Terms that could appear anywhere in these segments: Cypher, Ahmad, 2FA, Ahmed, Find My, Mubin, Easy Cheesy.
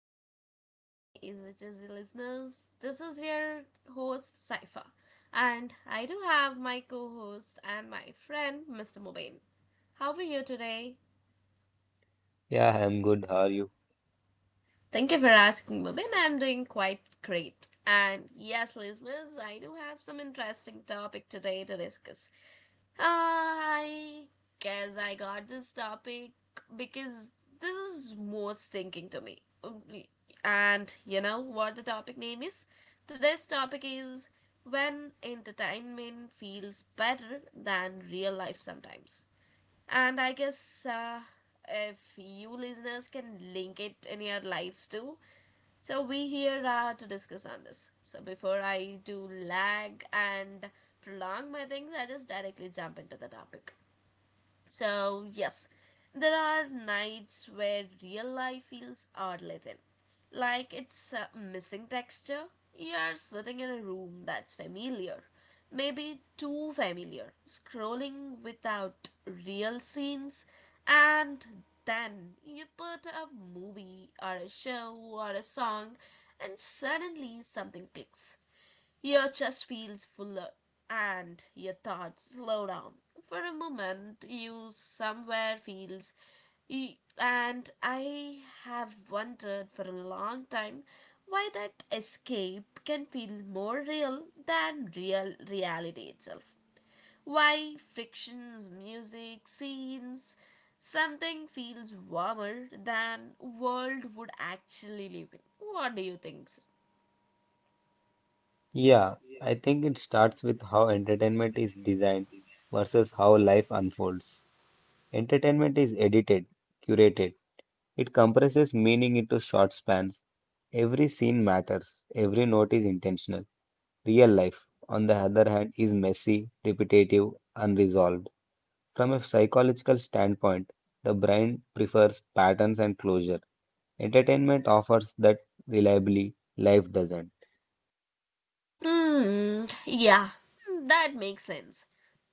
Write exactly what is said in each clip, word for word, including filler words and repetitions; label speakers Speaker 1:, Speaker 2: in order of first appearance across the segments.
Speaker 1: hello, my Easy Cheesy listeners. This is your host, Cypher, and I do have my co host and my friend, Mister Mubin. How are you today?
Speaker 2: Yeah, I'm good. How are you?
Speaker 1: Thank you for asking, Mubin. I'm doing quite great. And yes, listeners, I do have some interesting topic today to discuss. I guess I got this topic because this is more stinking to me. And you know what the topic name is? Today's topic is when entertainment feels better than real life sometimes. And I guess uh, if you listeners can link it in your lives too, so we here are to discuss on this. So before I do lag and prolong my things, I just directly jump into the topic. So, yes, there are nights where real life feels oddly thin. Like it's uh, missing texture. You're sitting in a room that's familiar, maybe too familiar, scrolling without real scenes, and then you put a movie or a show or a song, and suddenly something clicks. Your chest feels fuller and your thoughts slow down. For a moment, you somewhere feels. And I have wondered for a long time why that escape can feel more real than real reality itself. Why frictions, music, scenes, something feels warmer than world would actually live in. What do you think?
Speaker 2: Yeah, I think it starts with how entertainment is designed versus how life unfolds. Entertainment is edited, curated. It compresses meaning into short spans. Every scene matters, every note is intentional. Real life, on the other hand, is messy, repetitive, unresolved. From a psychological standpoint, the brain prefers patterns and closure. Entertainment offers that reliably, life doesn't.
Speaker 1: Hmm. Yeah. Hmm, that makes sense.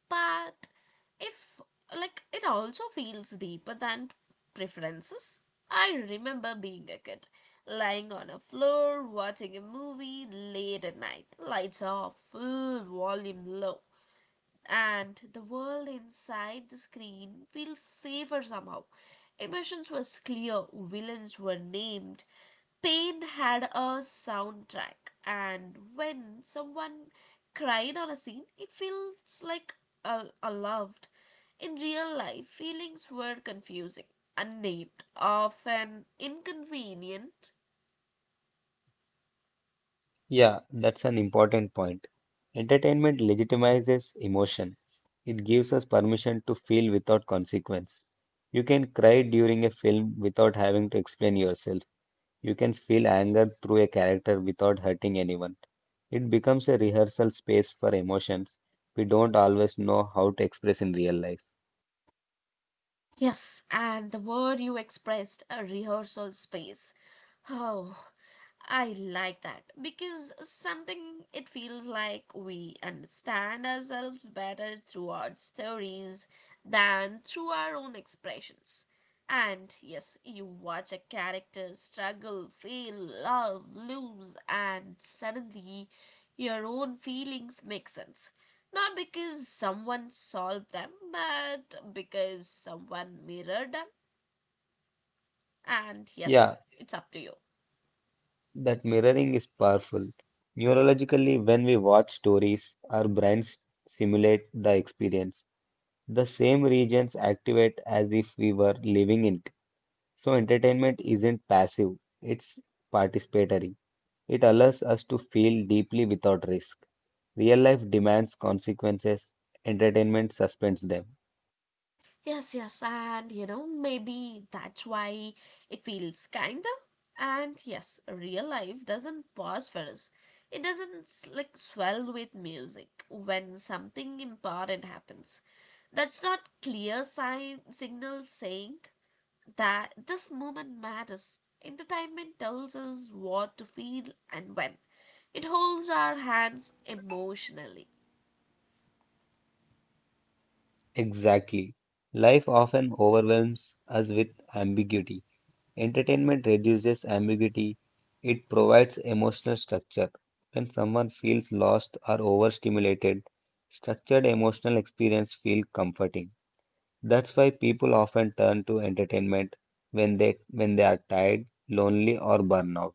Speaker 1: But if like it also feels deeper than preferences. I remember being a kid, lying on a floor watching a movie late at night, lights off, full volume low, and the world inside the screen feels safer somehow. Emotions was clear, villains were named, pain had a soundtrack, and when someone cried on a scene, it feels like a, a loved. In real life, feelings were confusing, unnamed, often inconvenient.
Speaker 2: Yeah, that's an important point. Entertainment legitimizes emotion. It gives us permission to feel without consequence. You can cry during a film without having to explain yourself. You can feel anger through a character without hurting anyone. It becomes a rehearsal space for emotions we don't always know how to express in real life.
Speaker 1: Yes, and the word you expressed, a rehearsal space. Oh, I like that, because something it feels like we understand ourselves better through our stories than through our own expressions. And yes, you watch a character struggle, fail, love, lose, and suddenly your own feelings make sense. Not because someone solved them, but because someone mirrored them. And yes,
Speaker 2: Yeah,
Speaker 1: it's up to you.
Speaker 2: that mirroring is powerful. Neurologically, when we watch stories, our brains simulate the experience. The same regions activate as if we were living in it. So, entertainment isn't passive, it's participatory. It allows us to feel deeply without risk. Real life demands consequences, entertainment suspends them.
Speaker 1: Yes, yes, and you know, maybe that's why it feels kinda. And yes, real life doesn't pause for us. It doesn't like swell with music when something important happens. That's not clear sign signal saying that this moment matters. Entertainment tells us what to feel and when. It holds our hands emotionally.
Speaker 2: Exactly. Life often overwhelms us with ambiguity. Entertainment reduces ambiguity, it provides emotional structure. When someone feels lost or overstimulated, structured emotional experience feel comforting. That's why people often turn to entertainment when they when they are tired, lonely, or burnout.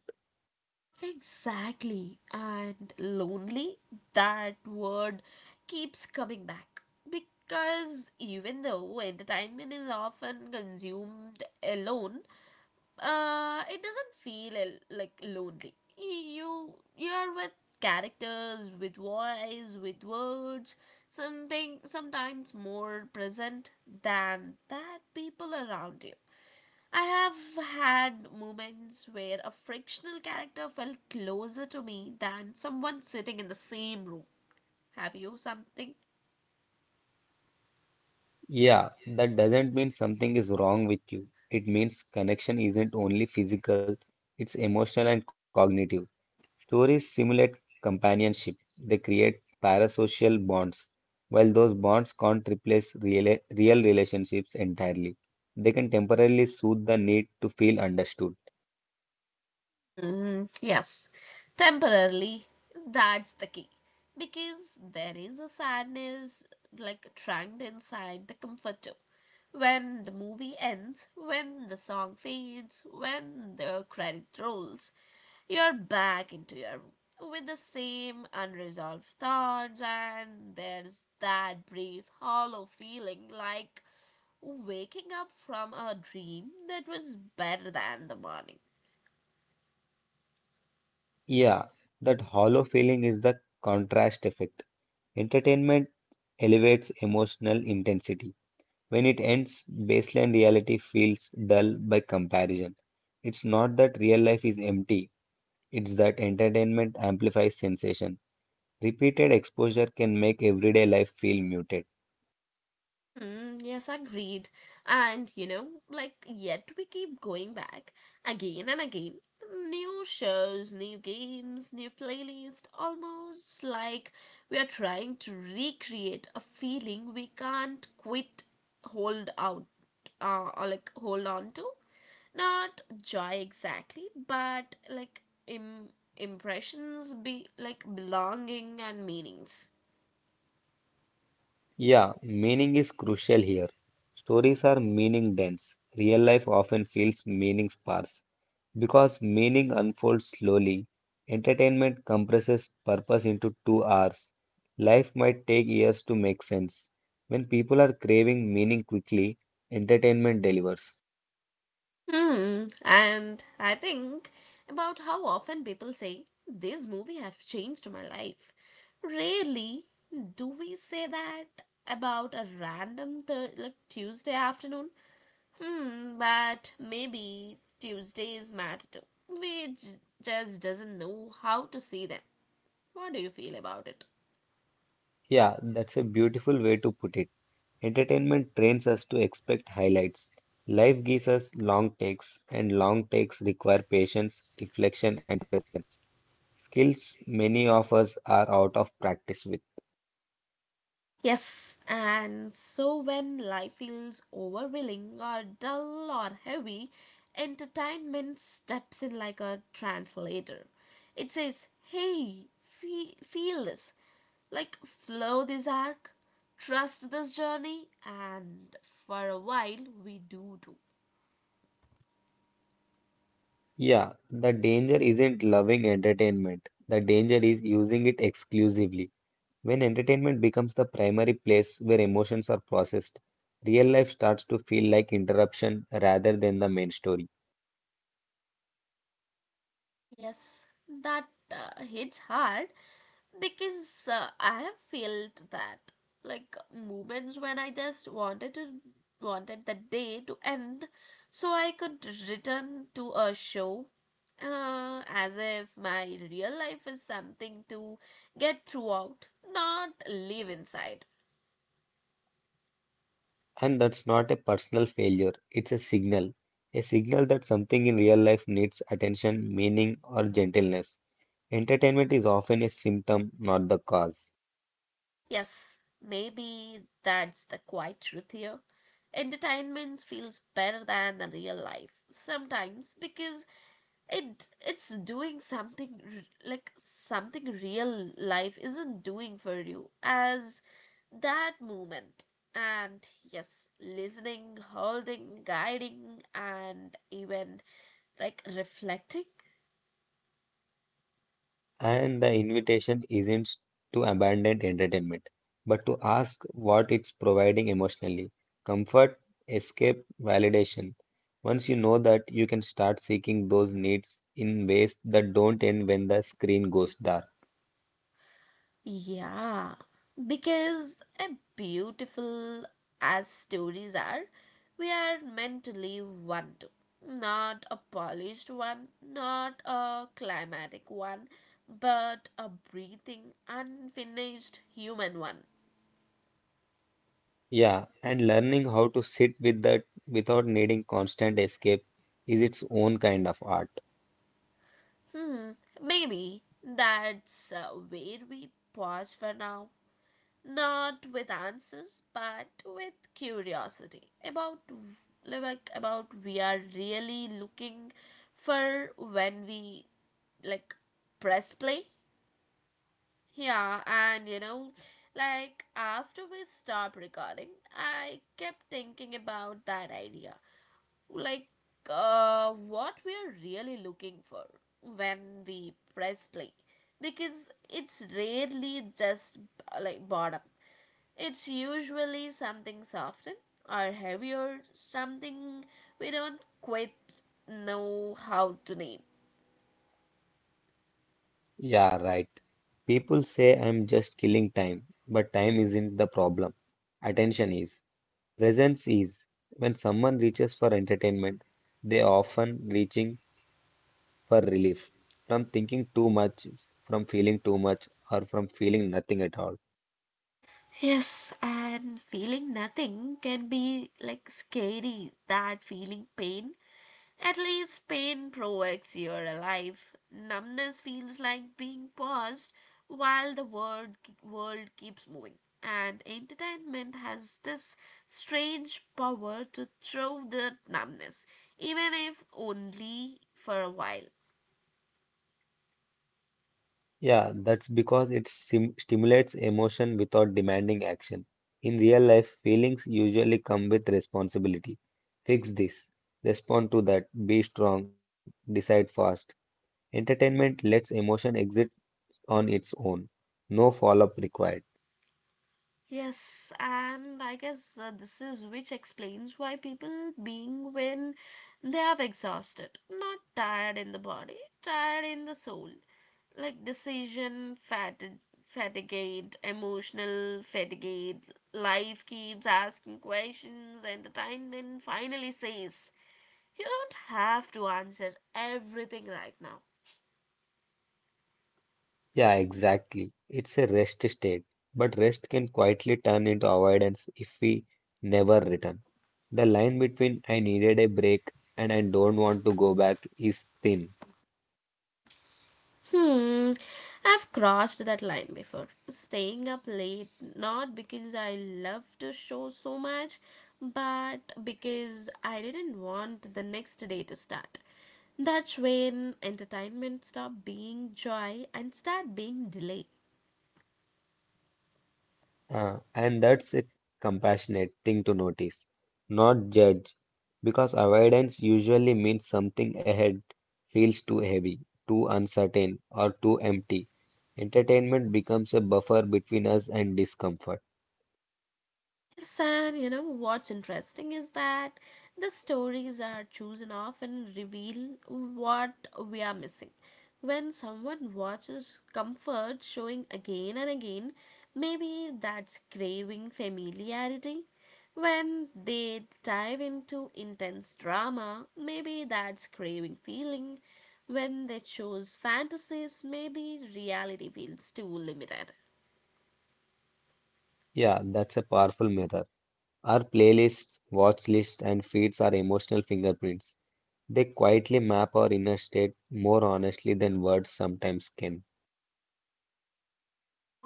Speaker 1: Exactly. And lonely, that word keeps coming back. Because even though entertainment is often consumed alone, uh it doesn't feel l- like lonely. You you're with characters, with voice, with words, something sometimes more present than that people around you. I have had moments where a fictional character felt closer to me than someone sitting in the same room. Have you something?
Speaker 2: Yeah, that doesn't mean something is wrong with you. It means connection isn't only physical, it's emotional and cognitive. Stories simulate companionship. They create parasocial bonds. While those bonds can't replace real, real relationships entirely, they can temporarily soothe the need to feel understood.
Speaker 1: Mm, yes, temporarily, that's the key. Because there is a sadness like trapped inside the comfort zone. When the movie ends, when the song fades, when the credit rolls, you're back into your room with the same unresolved thoughts, and there's that brief hollow feeling, like waking up from a dream that was better than the morning.
Speaker 2: Yeah, that hollow feeling is the contrast effect. Entertainment elevates emotional intensity. When it ends, baseline reality feels dull by comparison. It's not that real life is empty, it's that entertainment amplifies sensation. Repeated exposure can make everyday life feel muted.
Speaker 1: Mm, yes, agreed. And you know, like, yet we keep going back again and again. New shows, new games, new playlist, almost like we are trying to recreate a feeling we can't quit, hold out, uh, or like hold on to. Not joy exactly, but like im- impressions, be like belonging and meanings.
Speaker 2: Yeah, meaning is crucial here. Stories are meaning dense. Real life often feels meaning sparse because meaning unfolds slowly. Entertainment compresses purpose into two hours. Life might take years to make sense. When people are craving meaning quickly, entertainment delivers.
Speaker 1: Hmm, and I think about how often people say, "This movie has changed my life." Rarely do we say that about a random th- like Tuesday afternoon. Hmm, but maybe Tuesdays matter too. We j- just doesn't know how to see them. What do you feel about it?
Speaker 2: Yeah, that's a beautiful way to put it. Entertainment trains us to expect highlights. Life gives us long takes, and long takes require patience, reflection, and presence. Skills many of us are out of practice with.
Speaker 1: Yes, and so when life feels overwhelming or dull or heavy, entertainment steps in like a translator. It says, "Hey, fe- feel this. Like, flow this arc, trust this journey," and for a while we do too.
Speaker 2: Yeah, the danger isn't loving entertainment. The danger is using it exclusively. When entertainment becomes the primary place where emotions are processed, real life starts to feel like interruption rather than the main story.
Speaker 1: Yes, that uh, hits hard, because uh, I have felt that, like moments when I just wanted to wanted the day to end so I could return to a show, uh, as if my real life is something to get throughout, not live inside.
Speaker 2: And that's not a personal failure, it's a signal. A signal that something in real life needs attention, meaning, or gentleness. Entertainment is often a symptom, not the cause.
Speaker 1: Yes, maybe that's the quiet truth here. Entertainment feels better than the real life sometimes, because it it's doing something r- like something real life isn't doing for you as that moment, and yes, listening, holding, guiding, and even like reflecting.
Speaker 2: And the invitation isn't to abandon entertainment, but to ask what it's providing emotionally comfort, escape, validation. Once you know that, you can start seeking those needs in ways that don't end when the screen goes dark.
Speaker 1: Yeah, because as beautiful as stories are, we are meant to live one too. Not a polished one, not a climatic one, but a breathing, unfinished human one.
Speaker 2: Yeah, and learning how to sit with that without needing constant escape is its own kind of art.
Speaker 1: Hmm, maybe that's uh, where we pause for now. Not with answers, but with curiosity about like about we are really looking for when we like press play. Yeah, and you know like after we stopped recording, I kept thinking about that idea, like uh, what we are really looking for when we press play, because it's rarely just uh, like boredom. It's usually something softer or heavier, something we don't quite know how to name.
Speaker 2: Yeah, right. People say I'm just killing time, but time isn't the problem. Attention is. Presence is when someone reaches for entertainment, they often reaching for relief from thinking too much, from feeling too much, or from feeling nothing at all.
Speaker 1: Yes, and feeling nothing can be like scary. That feeling pain. At least pain provokes you're alive. Numbness feels like being paused while the world, world keeps moving. And entertainment has this strange power to throw that numbness, even if only for a while.
Speaker 2: Yeah, that's because it sim stimulates emotion without demanding action. In real life, feelings usually come with responsibility. Fix this, respond to that, be strong, decide fast. Entertainment lets emotion exit on its own. No follow-up required.
Speaker 1: Yes, and I guess uh, this is which explains why people being when they have exhausted, not tired in the body, tired in the soul, like decision fatigue, fatigue, emotional fatigued. Life keeps asking questions. Entertainment finally says, "You don't have to answer everything right now."
Speaker 2: Yeah, exactly. It's a rest state, but rest can quietly turn into avoidance if we never return. The line between I needed a break and I don't want to go back is thin.
Speaker 1: Hmm, I've crossed that line before. Staying up late, not because I love the show so much, but because I didn't want the next day to start. That's when entertainment stopped being joy and start being delay.
Speaker 2: Uh, and that's a compassionate thing to notice, not judge, because avoidance usually means something ahead feels too heavy, too uncertain, or too empty. Entertainment becomes a buffer between us and discomfort.
Speaker 1: Yes, and you know what's interesting is that the stories are chosen often reveal what we are missing. When someone watches comfort showing again and again, maybe that's craving familiarity. When they dive into intense drama, maybe that's craving feeling. When they choose fantasies, maybe reality feels too limited.
Speaker 2: Yeah, that's a powerful mirror. Our playlists, watch lists, and feeds are emotional fingerprints. They quietly map our inner state more honestly than words sometimes can.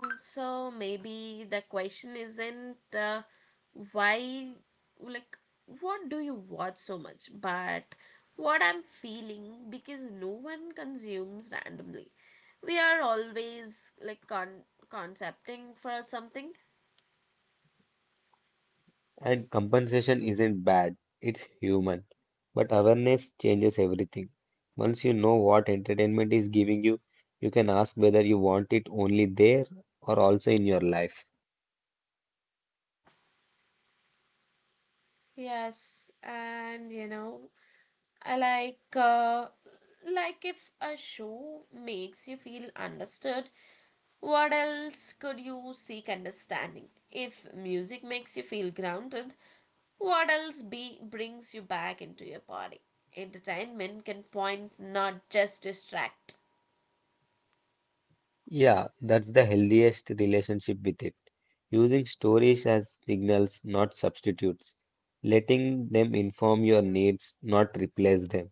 Speaker 1: Also maybe the question isn't uh, why, like, what do you watch so much, but what I'm feeling, because no one consumes randomly. We are always like con- concepting for something.
Speaker 2: And compensation isn't bad, it's human. But awareness changes everything. Once you know what entertainment is giving you, you can ask whether you want it only there or also in your life.
Speaker 1: Yes, and you know I like uh, like if a show makes you feel understood, what else could you seek understanding? If music makes you feel grounded, what else be, brings you back into your body? Entertainment can point, not just distract.
Speaker 2: Yeah, that's the healthiest relationship with it. Using stories as signals, not substitutes, letting them inform your needs, not replace them.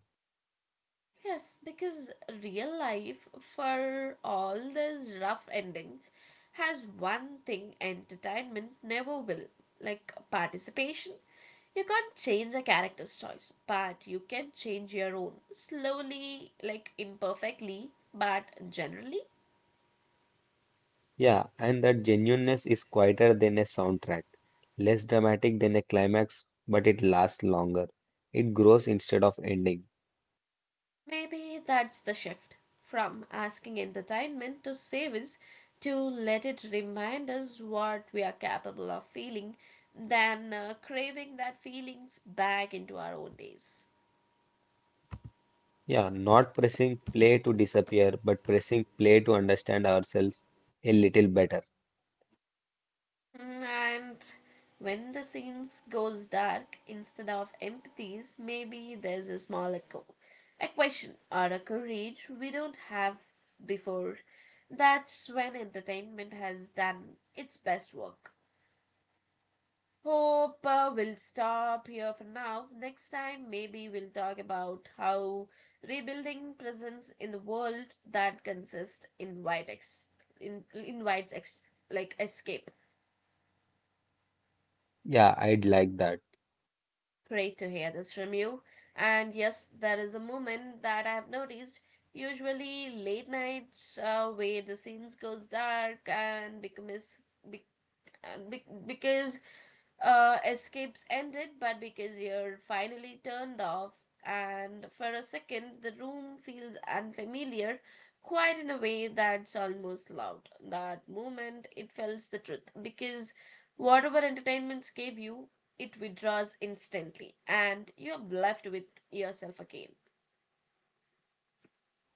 Speaker 1: Yes, because real life, for all these rough endings, has one thing entertainment never will, like participation. You can't change a character's choice, but you can change your own, slowly, like imperfectly, but generally.
Speaker 2: Yeah, and that genuineness is quieter than a soundtrack, less dramatic than a climax, but it lasts longer. It grows instead of ending.
Speaker 1: Maybe that's the shift, from asking entertainment to save us to let it remind us what we are capable of feeling, than uh, craving that feelings back into our own days.
Speaker 2: Yeah, not pressing play to disappear, but pressing play to understand ourselves a little better.
Speaker 1: Mm. And when the scenes goes dark instead of empathies, maybe there's a small echo, a question or a courage we don't have before. That's when entertainment has done its best work. Hope uh, we'll stop here for now. Next time, maybe we'll talk about how rebuilding presence in the world that consists invite ex- in, invites ex- like escape.
Speaker 2: Yeah, I'd like that.
Speaker 1: Great to hear this from you. And yes, there is a moment that I have noticed. Usually, late nights, uh, where the scenes goes dark and becomes be- and be- because uh, escapes ended, but because you're finally turned off, and for a second the room feels unfamiliar, quite in a way that's almost loud. That moment it tells the truth, because whatever entertainments gave you, it withdraws instantly, and you're left with yourself again.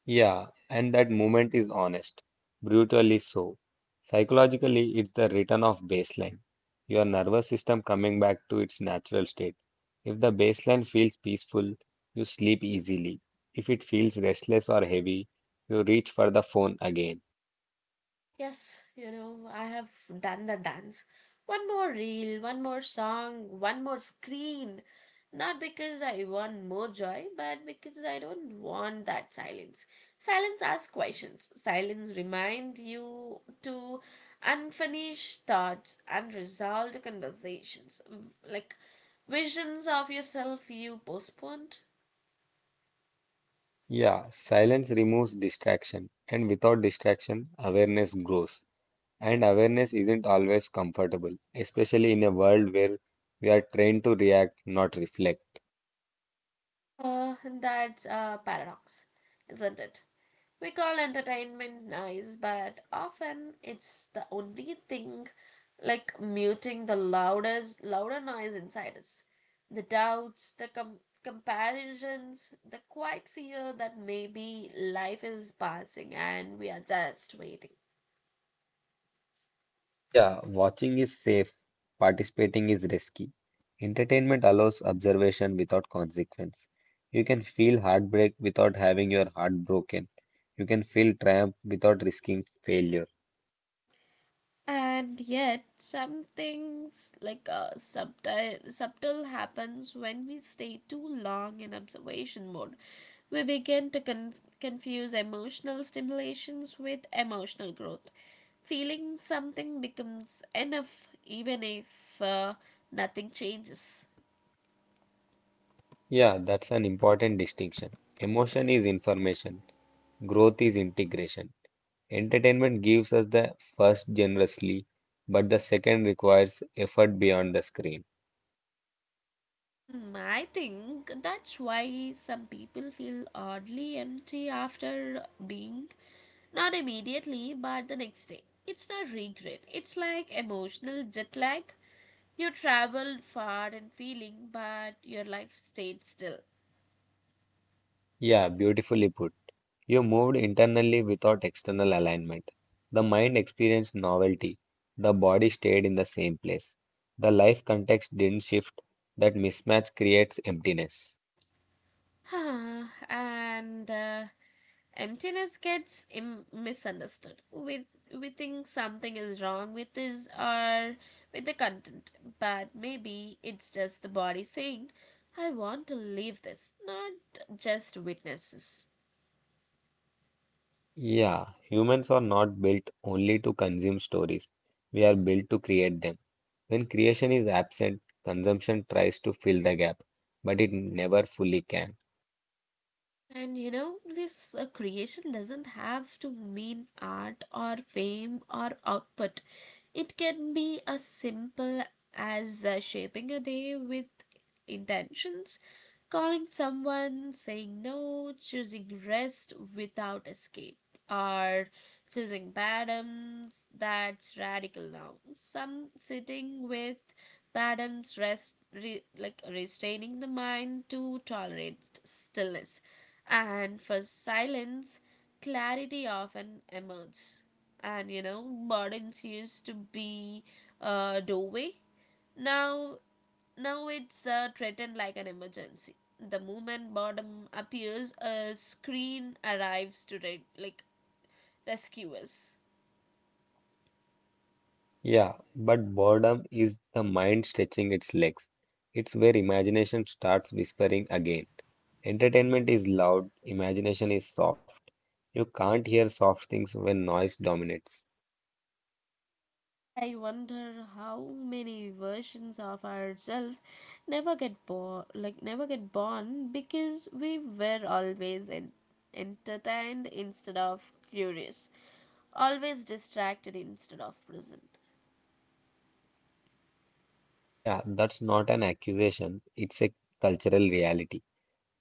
Speaker 2: Yeah, and that moment is honest, brutally so. Psychologically, it's the return of baseline, your nervous system coming back to its natural state. If the baseline feels peaceful, you sleep easily. If it feels restless or heavy, you reach for the phone again.
Speaker 1: Yes, you know, I have done the dance. One more reel, one more song, one more screen. Not because I want more joy, but because I don't want that silence. Silence asks questions. Silence reminds you to unfinished thoughts, unresolved conversations, like visions of yourself you postponed.
Speaker 2: Yeah, silence removes distraction, and without distraction, awareness grows. And awareness isn't always comfortable, especially in a world where we are trained to react, not reflect.
Speaker 1: Uh, that's a paradox, isn't it? We call entertainment nice, but often it's the only thing like muting the loudest, louder noise inside us. The doubts, the com- comparisons, the quiet fear that maybe life is passing and we are just waiting.
Speaker 2: Yeah, watching is safe, participating is risky. Entertainment allows observation without consequence. You can feel heartbreak without having your heart broken. You can feel triumph without risking failure.
Speaker 1: And yet, some things like a subtle subtle happens when we stay too long in observation mode. We begin to con- confuse emotional stimulations with emotional growth. Feeling something becomes enough, even if uh, nothing changes.
Speaker 2: Yeah, that's an important distinction. Emotion is information, growth is integration. Entertainment gives us the first generously, but the second requires effort beyond the screen.
Speaker 1: Hmm, I think that's why some people feel oddly empty after being, not immediately, but the next day. It's not regret, it's like emotional jet lag. You traveled far and feeling, but your life stayed still.
Speaker 2: Yeah, beautifully put. You moved internally without external alignment. The mind experienced novelty. The body stayed in the same place. The life context didn't shift. That mismatch creates emptiness.
Speaker 1: And uh, emptiness gets Im- misunderstood. We we think something is wrong with this or with the content, but maybe it's just the body saying, "I want to leave this, not just witnesses."
Speaker 2: Yeah, humans are not built only to consume stories. We are built to create them. When creation is absent, consumption tries to fill the gap, but it never fully can.
Speaker 1: And you know, this uh, creation doesn't have to mean art or fame or output. It can be as simple as uh, shaping a day with intentions, calling someone, saying no, choosing rest without escape, or choosing patterns that's radical now. Some sitting with the Adams rest re, like restraining the mind to tolerate stillness, and for silence, clarity often emerges. And you know, boredom used to be a doorway. Now, now it's uh, threatened like an emergency. The moment boredom appears, a screen arrives to re- like rescue us.
Speaker 2: Yeah, but boredom is the mind stretching its legs. It's where imagination starts whispering again. Entertainment is loud, imagination is soft. You can't hear soft things when noise dominates.
Speaker 1: I wonder how many versions of ourselves never get born, like never get born because we were always en- entertained instead of curious, always distracted instead of present.
Speaker 2: Yeah, that's not an accusation, it's a cultural reality.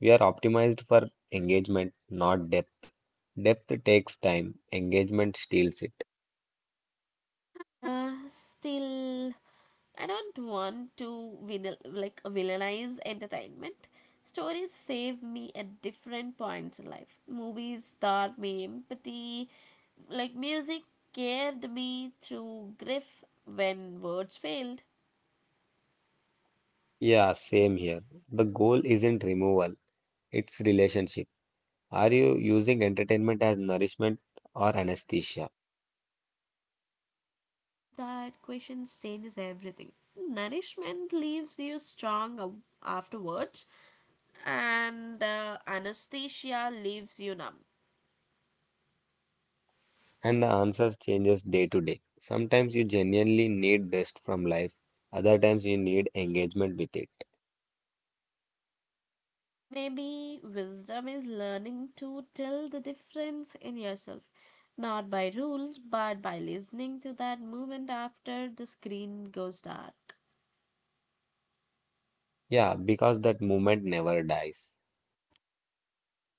Speaker 2: We are optimized for engagement, not depth. Depth takes time, engagement steals it.
Speaker 1: Uh, still, I don't want to vinyl, like villainize entertainment. Stories save me at different points in life. Movies taught me empathy. Like music carried me through grief when words failed.
Speaker 2: Yeah, same here. The goal isn't removal, it's relationship. Are you using entertainment as nourishment or anesthesia?
Speaker 1: That question changes everything. Nourishment leaves you strong afterwards, and uh, anesthesia leaves you numb.
Speaker 2: And the answers changes day to day. Sometimes you genuinely need rest from life, other times you need engagement with it.
Speaker 1: Maybe wisdom is learning to tell the difference in yourself, not by rules, but by listening to that moment after the screen goes dark.
Speaker 2: Yeah, because that moment never dies.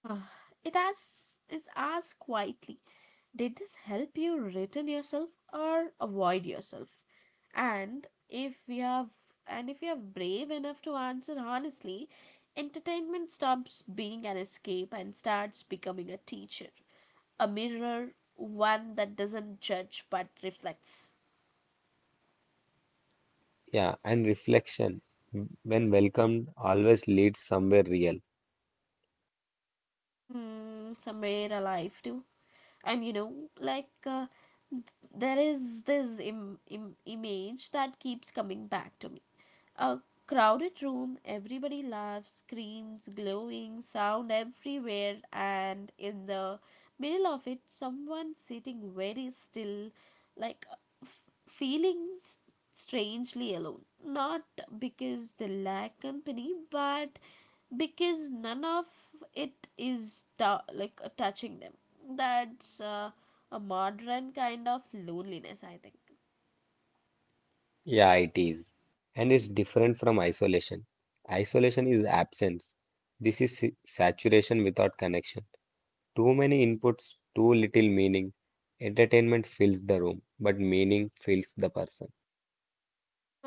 Speaker 1: Ah, it asks is asked quietly, did this help you return yourself or avoid yourself, and if we have and if you are brave enough to answer honestly, entertainment stops being an escape and starts becoming a teacher, a mirror, one that doesn't judge but reflects.
Speaker 2: Yeah, and reflection, when welcomed, always leads somewhere real.
Speaker 1: Hmm, somewhere alive too. And you know, like uh, there is this Im- Im- image that keeps coming back to me. A crowded room, everybody laughs, screams, glowing, sound everywhere, and in the middle of it, someone sitting very still, like f- feeling strangely alone. Not because they lack company, but because none of it is tou- like uh, touching them. That's uh, a modern kind of loneliness, I think.
Speaker 2: Yeah, it is. And it's different from isolation. Isolation is absence. This is sa- saturation without connection. Too many inputs, too little meaning. Entertainment fills the room, but meaning fills the person.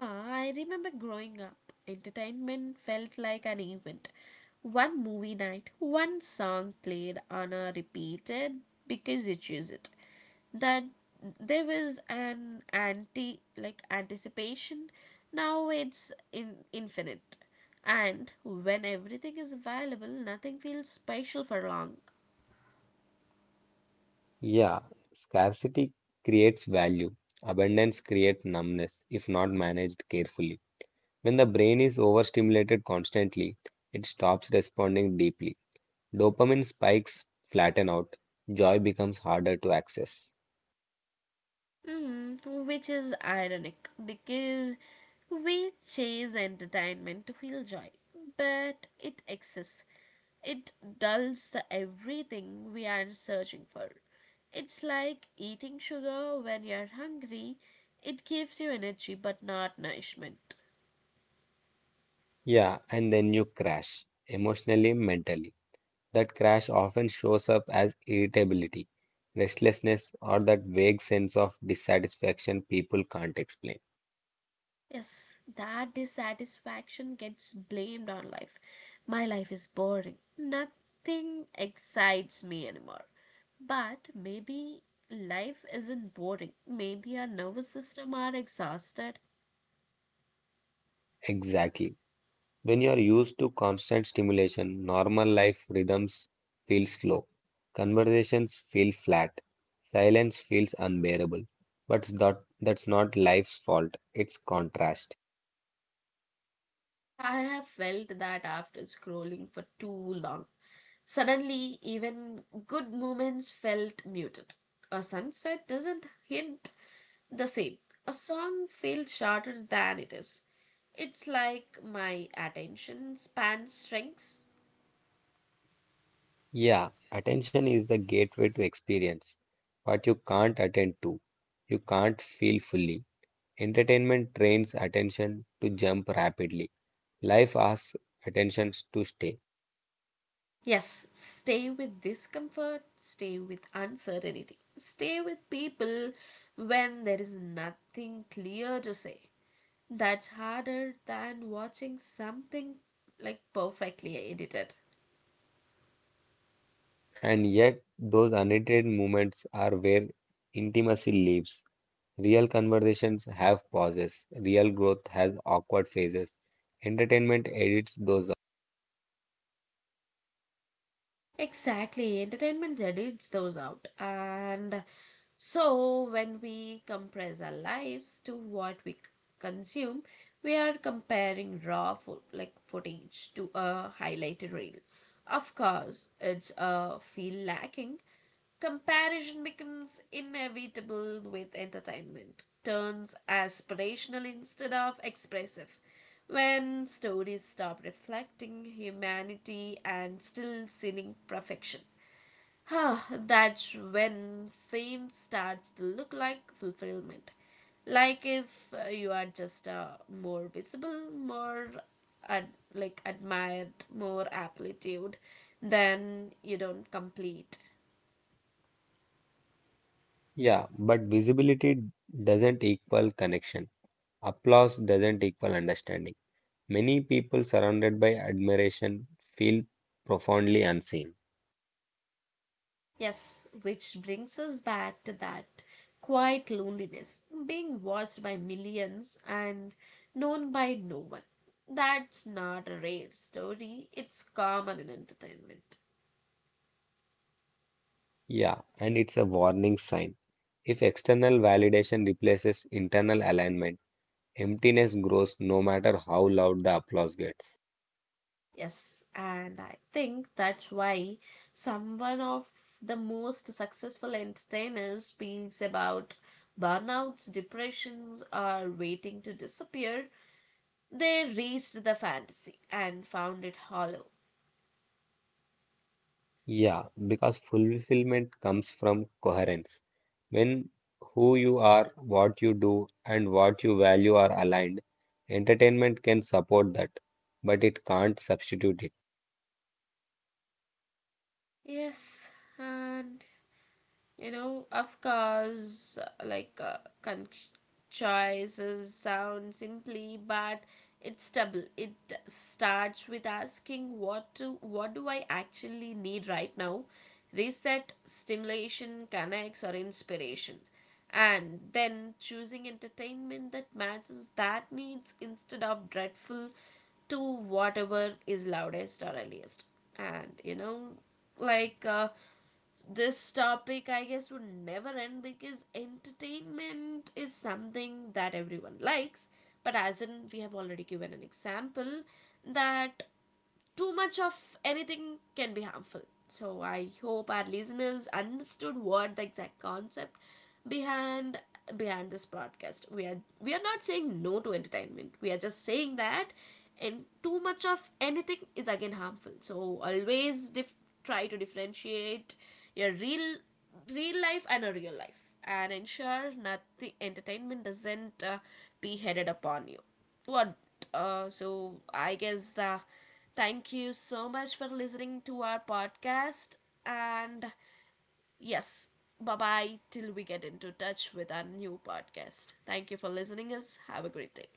Speaker 1: Ah, I remember growing up, entertainment felt like an event. One movie night, one song played on a repeated because you choose it. That there was an anti like anticipation. Now it's in infinite. And when everything is available, nothing feels special for long.
Speaker 2: Yeah, scarcity creates value. Abundance creates numbness if not managed carefully. When the brain is overstimulated constantly, it stops responding deeply. Dopamine spikes flatten out. Joy becomes harder to access.
Speaker 1: Mhm, which is ironic because we chase entertainment to feel joy, but it exists. It dulls the everything we are searching for. It's like eating sugar when you're hungry. It gives you energy but not nourishment.
Speaker 2: Yeah, and then you crash emotionally, mentally. That crash often shows up as irritability, restlessness, or that vague sense of dissatisfaction people can't explain.
Speaker 1: Yes, that dissatisfaction gets blamed on life. My life is boring. Nothing excites me anymore. But maybe life isn't boring. Maybe our nervous system are exhausted.
Speaker 2: Exactly. When you are used to constant stimulation, normal life rhythms feel slow. Conversations feel flat. Silence feels unbearable. But that, that's not life's fault, it's contrast.
Speaker 1: I have felt that after scrolling for too long. Suddenly, even good moments felt muted. A sunset doesn't hint the same. A song feels shorter than it is. It's like my attention span shrinks.
Speaker 2: Yeah, attention is the gateway to experience. What you can't attend to, you can't feel fully. Entertainment trains attention to jump rapidly. Life asks attention to stay.
Speaker 1: Yes, stay with discomfort, stay with uncertainty, stay with people when there is nothing clear to say. That's harder than watching something like perfectly edited.
Speaker 2: And yet, those unedited moments are where intimacy lives. Real conversations have pauses. Real growth has awkward phases. Entertainment edits those out.
Speaker 1: Exactly, entertainment edits those out. And so, when we compress our lives to what we c- consume, we are comparing raw fo- like footage to a highlighted reel. Of course, it's a feel lacking. Comparison becomes inevitable with entertainment, turns aspirational instead of expressive. When stories stop reflecting humanity and still sealing perfection, that's when fame starts to look like fulfillment. Like if uh, you are just uh, more visible, more ad- like admired, more amplitude, then you don't complete.
Speaker 2: Yeah, but visibility doesn't equal connection. Applause doesn't equal understanding. Many people surrounded by admiration feel profoundly unseen.
Speaker 1: Yes, which brings us back to that quiet loneliness, being watched by millions and known by no one. That's not a rare story, it's common in entertainment.
Speaker 2: Yeah, and it's a warning sign. If external validation replaces internal alignment, emptiness grows no matter how loud the applause gets.
Speaker 1: Yes, and I think that's why someone of the most successful entertainers speaks about burnouts, depressions, or waiting to disappear. They reached the fantasy and found it hollow.
Speaker 2: Yeah, because fulfillment comes from coherence. When who you are, what you do, and what you value are aligned, entertainment can support that, but it can't substitute it.
Speaker 1: Yes, and you know, of course, like uh, con- choices sound simply, but it's double. It starts with asking what to, what do I actually need right now? Reset, stimulation, connects, or inspiration, and then choosing entertainment that matches that needs instead of dreadful to whatever is loudest or earliest. And you know, like. Uh, this topic I guess would never end because entertainment is something that everyone likes, but as in we have already given an example that too much of anything can be harmful. So I hope our listeners understood what the exact concept behind behind this broadcast. We are we are not saying no to entertainment. We are just saying that and too much of anything is again harmful. So always dif- try to differentiate your real real life and a real life and ensure nothing entertainment doesn't uh, be headed upon you, what, uh, so i guess uh, thank you so much for listening to our podcast, and yes, bye bye, till we get into touch with our new podcast. Thank you for listening us, have a great day.